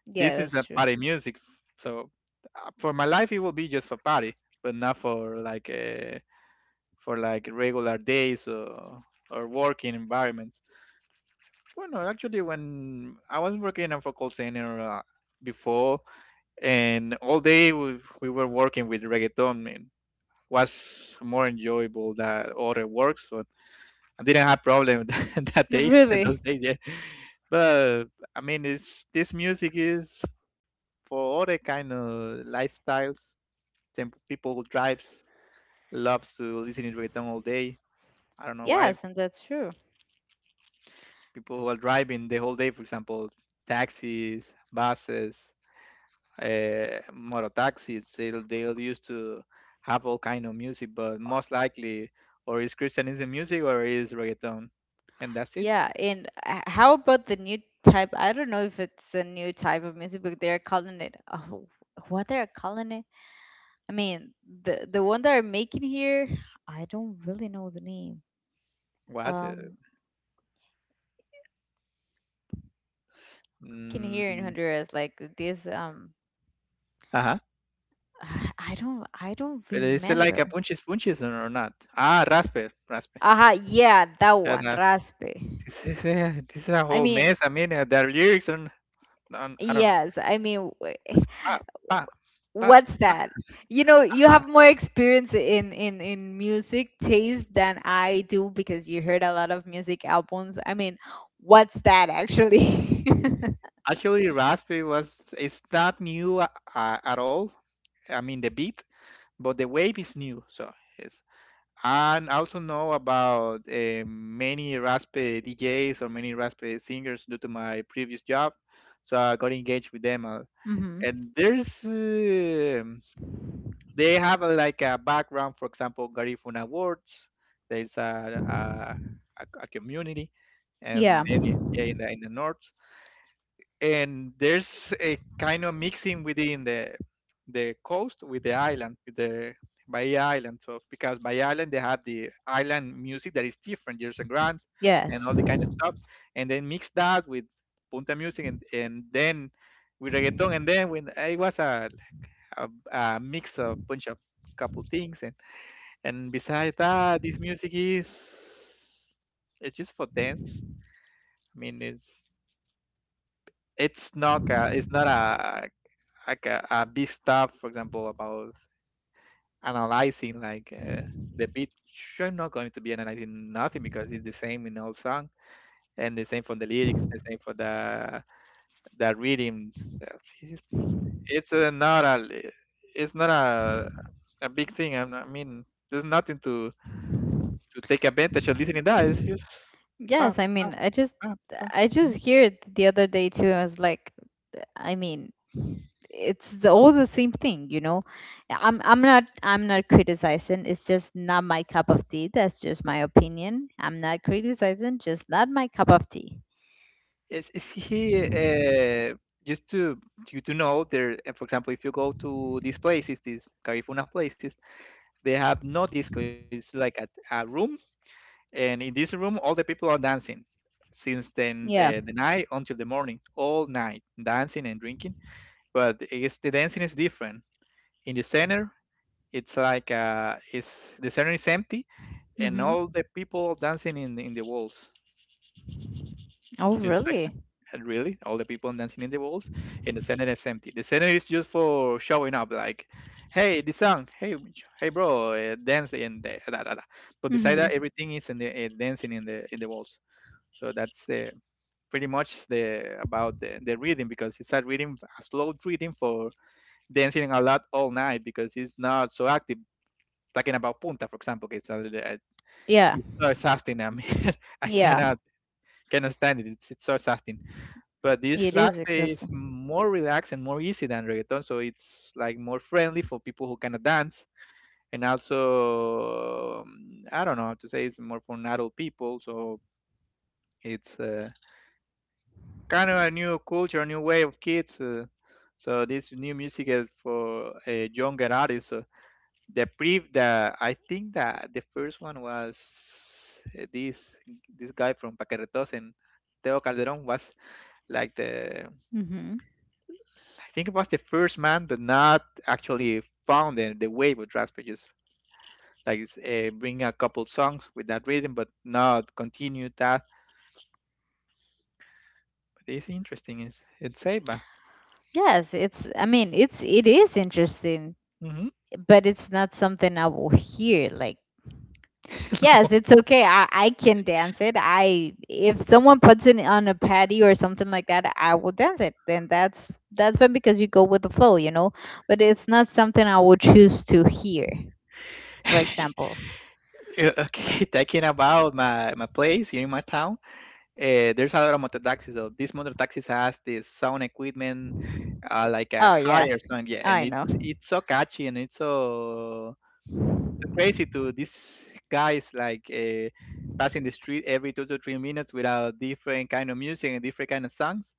Yeah,
this is
that's
a
true.
party music, so for my life it will be just for party, but not for like for like regular days or working environments. Well, no, actually, when I was working in for call center before, and all day we were working with reggaeton, and was more enjoyable than other works. So I didn't have problem that that days those
Really.
days, yeah. But I mean, it's this music is for other kind of lifestyles. Then people who drives loves to listen to reggaeton all day. I don't know why
Yes, and that's true.
people who are driving the whole day, for example, taxis, buses, motor taxis, they'll used to have all kind of music. But most likely, or is Christianism music or is reggaeton, and that's it.
Yeah, and how about the new type? I don't know if it's a new type of music, but they're calling it, oh, what they're calling it. I mean, the one that I'm making here, I don't really know the name.
What?
Um, no, the new music they are making here in
Mm,
Honduras, like this.
Ajá.
I don't
Pero dice like
remember.
a punches punches or not. Ah, raspe, raspe.
Aha, yeah, that
Fair
one,
enough.
Raspe.
This is a
I
whole
mean,
mess. I mean, their lyrics on I don't know.
yes, I mean,
Pa, pa, pa,
what's
pa,
that? You know, you
ah.
have more experience in in music taste than I do because you heard a lot of music albums. I mean, what's that actually?
Actually, Raspberry was it's not new at all. I mean, the beat, but the wave is new. So yes, and I also know about many Raspberry DJs or many Raspberry singers due to my previous job. So I got engaged with them,
Mm-hmm.
and there's. They have a, like a background for example garifuna awards there's a, a, community and
Yeah.
then yeah, in the north and there's a kind of mixing within the coast with the island with the bahia island so because bahia island they have the island music that is different Jerson grant and
Yes.
all the kind of stuff and then mix that with punta music and then with reggaeton and then when it was a mix of bunch of couple things and besides that this music is it's just for dance. I mean it's it's not a a big stuff for example about analyzing like the beat sure I'm not going to be analyzing nothing because it's the same in all song and the same for the lyrics the same for the that reading that is- it's a, not a it's not a a big thing I mean there's nothing to to take advantage of listening that it's just pa,
Yes. I
pa,
mean,
pa, pa.
I
Mhm.
just hear it the other day too. I was like, I mean, it's the all the same thing, you know. I'm not criticizing. It's just not my cup of tea. That's just my opinion. I'm not criticizing. Just not my cup of tea.
Is he just to you to know there? For example, if you go to these places, these Carifuna places, they have no disco. It's like a room, and in this room, all the people are dancing since then
Yeah.
the night until the morning, all night, dancing and drinking. But it's the dancing is different. In the center, it's like it's the center is empty, and
Mhm.
all the people dancing in the walls,
Oh,
just like
really?
that. And really, all the people dancing in the walls, and the center is empty. The center is just for showing up, like, hey, this song, hey, hey, bro, dance in the da, da, da. But beside that,
Mhm.
everything is in the dancing in the walls. So that's the pretty much the about the reading because it's a reading, a slow reading for dancing a lot all night because he's not so active. Talking about Punta, for example, it's a uh,
Yeah.
it's so exhausting. I mean, I
Yeah.
cannot cannot stand it. It's so exhausting. But this
It is
raspe is
exhausting.
more relaxed and more easy than reggaeton, so it's like more friendly for people who cannot dance. And also, I don't know how to say it's more for adult people, so it's kind of a new culture, new way of kids. So this new music is for a younger artist. So the pre the I think that the first one was uh, this this guy from Paquerretos and Teo Calderon was like the
Mhm.
I think it was the first man, but not actually found the wave of tracks, but just like it's, bring a couple songs with that rhythm, but not continue that. But it's interesting. It's Seba.
Yes, it's, I mean, it's it is interesting,
Mm-hmm.
but it's not something I will hear like. Yes, it's okay. I can dance it. I if someone puts it on a patty or something like that, I will dance it. Then that's fine because you go with the flow, you know. But it's not something I would choose to hear, for example.
okay, talking about my place here in my town. There's a lot of motor taxis. So this motor taxis has this sound equipment, like a
Oh
higher
yes,
sound. Yeah, and
I
it's
know.
it's so catchy and it's so so crazy to these guys like passing the street every 2 to 3 minutes with a different kind of music and different kind of songs.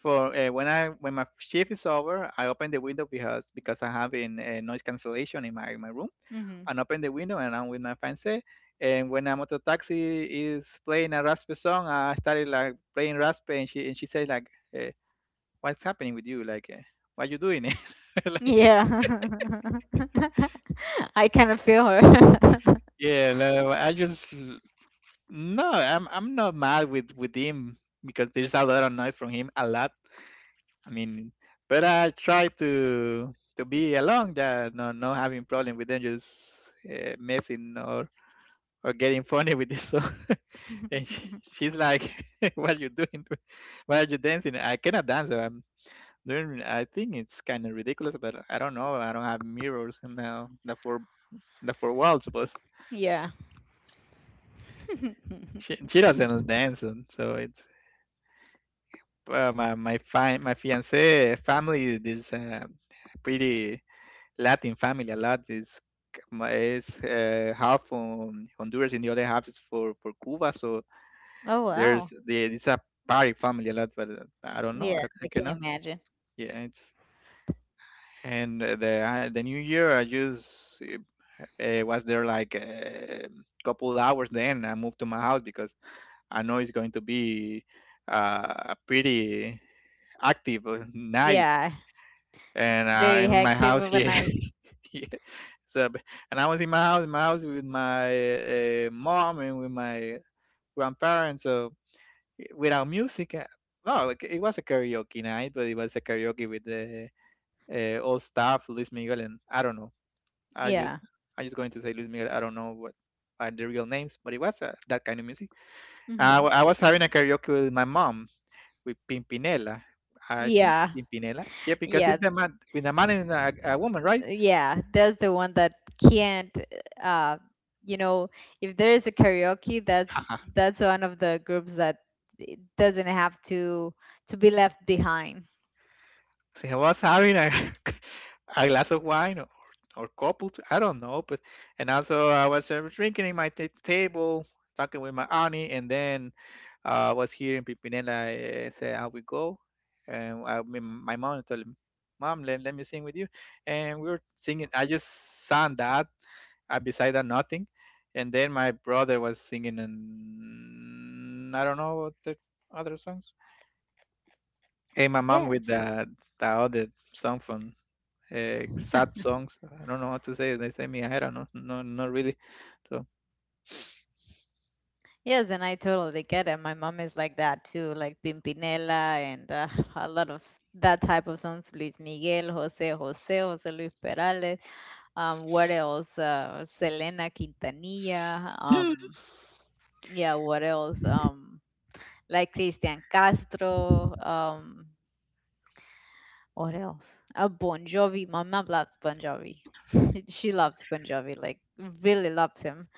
For when I when my shift is over, I open the window because I have in noise cancellation in my room
Hmm.
and open the window and I'm with my fiance. And when a motor taxi is playing a Raspe song, I started like playing Raspe, and she said like, eh, "What's happening with you? Like, eh, what you doing?" like,
Yeah, I kind of feel her.
yeah, no, I'm not mad with him because there's a lot of noise from him, a lot. I mean, but I try to be alone, yeah, no, no having problem with them, just messing or getting funny with this song. And she's like, "What are you doing? Why are you dancing?" I cannot dance. So I'm doing. I think it's kind of ridiculous, but I don't know. I don't have mirrors and now the four walls. But
yeah.
she doesn't dance, and so it's my fiance family is pretty Latin family. A lot is half from Honduras and the other half is for Cuba. So
oh wow.
there's the it's a party family a lot, but I don't know.
Yeah, I
I
can
cannot.
imagine.
Yeah, it's and the new year I just was there like a couple hours. Then I moved to my house because I know it's going to be a pretty active night.
Yeah,
And
very
I'm in my
active
house,
of a
yeah,
night.
yeah. So b- and I was in my house with my mom and with my grandparents. So without music. No, like, it was a karaoke night, but it was a karaoke with the old staff, Luis Miguel, and I don't know. I just
Yeah.
I just going to say Luis Miguel. I don't know what are the real names, but it was that kind of music.
Hmm.
I was having a karaoke with my mom with Pimpinela. I think it's
Yeah.
Pimpinela. Yeah, because
Yeah.
it's a man with a man and a woman, right?
uh, Yeah, that's the one that can't uh you know, if there is a karaoke, that's one of the groups that it doesn't have to be left behind.
So I was having a, a glass of wine or couple, I don't know, but and also I was drinking in table, talking with my auntie, and then I was here in Pipinela. Say how we go, and my mom told me, "Mom, let me sing with you," and we were singing. I just sang that. I beside that nothing, and then my brother was singing, and I don't know what the other songs. Hey, my mom with
Yes.
the other song from sad songs. Ah, I don't know how to say it. They say me, I don't know, no, not really. So
Yes, and I totally get it. My mom is like that too, like Pimpinela and a lot of that type of songs, Luis Miguel, Jose Jose, Jose Luis Perales, um, what else? Selena Quintanilla, um, yeah, what else? Like Cristian Castro. What else? Bon Jovi. My mom loves Bon Jovi. She loves Bon Jovi. Like really loves him.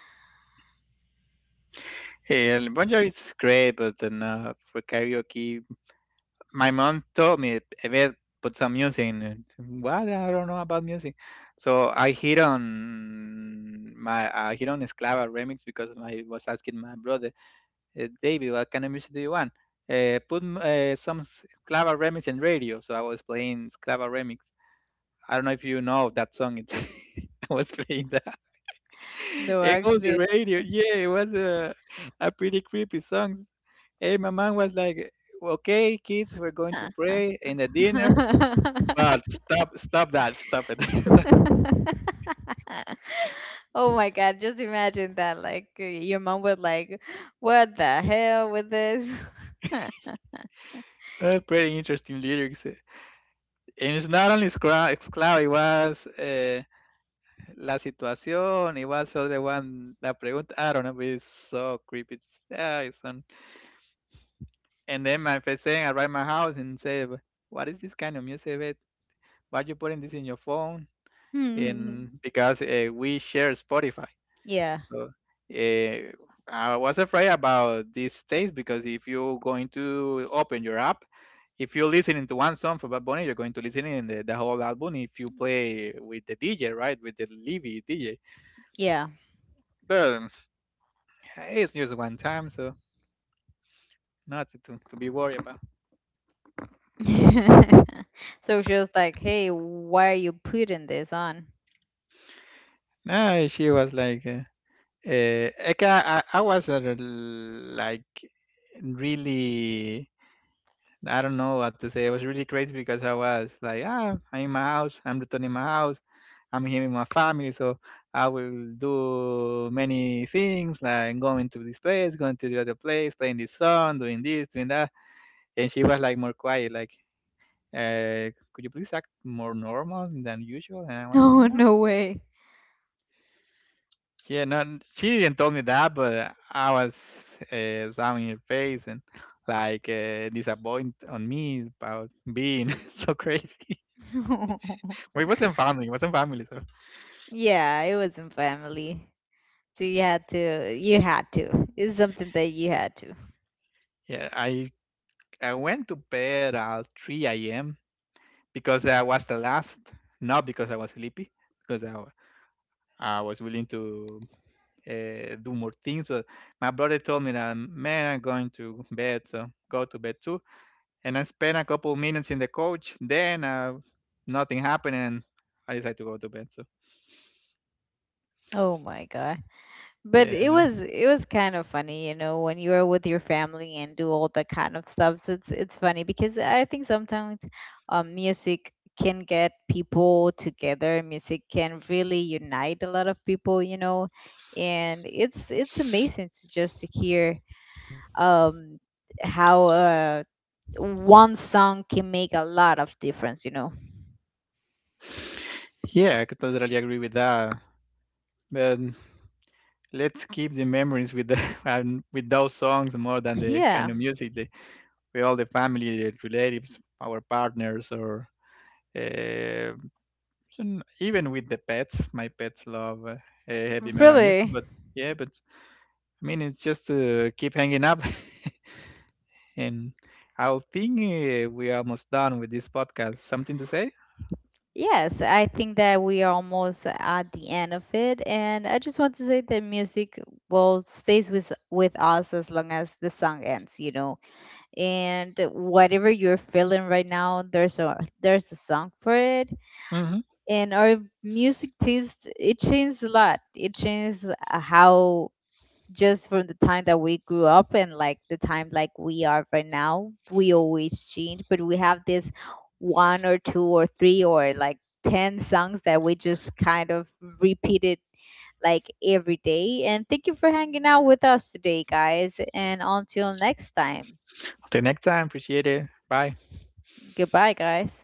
and Bon Jovi is great, but then for karaoke, my mom told me, "Ever put some music." in it." What? I don't know about music, so I hit on my I hit on Esclava remix because I was asking my brother, "Eh, David, what kind of music do you want? Put some Esclava remix in radio. So I was playing Esclava remix. I don't know if you know that song. It's I was playing that
No,
and on
actually.
the radio. Yeah, it was a pretty creepy song. Hey, my mom was like, "Okay, kids, we're going to pray in the dinner, but stop that, stop it."
Oh my God! Just imagine that. Like your mom would like, what the hell with this?
Pretty interesting lyrics. Eh. And it's not only Scloud, it was La Situación, it was other one, La Pregunta. I don't know, but it's so creepy. It's so and then my first thing, I write my house and say, "What is this kind of music? Babe? Why you putting this in your phone?" And because we share Spotify,
yeah,
so uh, I was afraid about these days because if you're going to open your app, if you're listening to one song for Bad Bunny, you're going to listen in the whole album. If you play with the DJ, right, with the Levy DJ,
yeah.
but it's just one time, so nothing to, to be worried about.
so just like, hey, why are you putting this on?
No, she was like. I was at a, like really I don't know what to say. I was really crazy because I was like, ah, I'm in my house. I'm returning my house. I'm here with my family, so I will do many things like going to this place, going to the other place, playing this song, doing this, doing that. And she was like more quiet, like, could you please act more normal than usual? And I was like,
No,
no.
no way.
Yeah, no, she didn't tell me that, but I was sounding her face and like disappointed on me about being so crazy. But it wasn't family, it wasn't family. So
yeah, it was in family. So you had to, you had to. It's something that you had to.
yeah, I went to bed at 3 a.m. because I was the last, not because I was sleepy, because I was willing to do more things. But my brother told me that, man, I'm going to bed, so go to bed too. And I spent a couple minutes in the couch. Then nothing happened, and I decided to go to bed. So
Oh my god. But
yeah,
it was kind of funny, you know, when you are with your family and do all that kind of stuff. So it's funny because I think sometimes music can get people together. Music can really unite a lot of people, you know, and it's amazing to just to hear um, how one song can make a lot of difference, you know.
yeah, I could totally agree with that. But let's keep the memories with the and with those songs more than the kind
Yeah,
of music they, with all the family, the relatives, our partners, or uh, and even with the pets. My pets love heavy metal music,
really.
but yeah, but I mean it's just to keep hanging up. And I think we're almost done with this podcast. Something to say?
Yes, I think that we are almost at the end of it, and I just want to say that music will stays with us as long as the song ends, you know. And whatever you're feeling right now, there's a song for it.
Hmm.
And our music taste it changes a lot. It changes how just from the time that we grew up and like the time like we are right now. We always change, but we have this one or two or three or like 10 songs that we just kind of repeated like every day. And thank you for hanging out with us today, guys, and until next time,
Till next time. Appreciate it. Bye.
goodbye guys.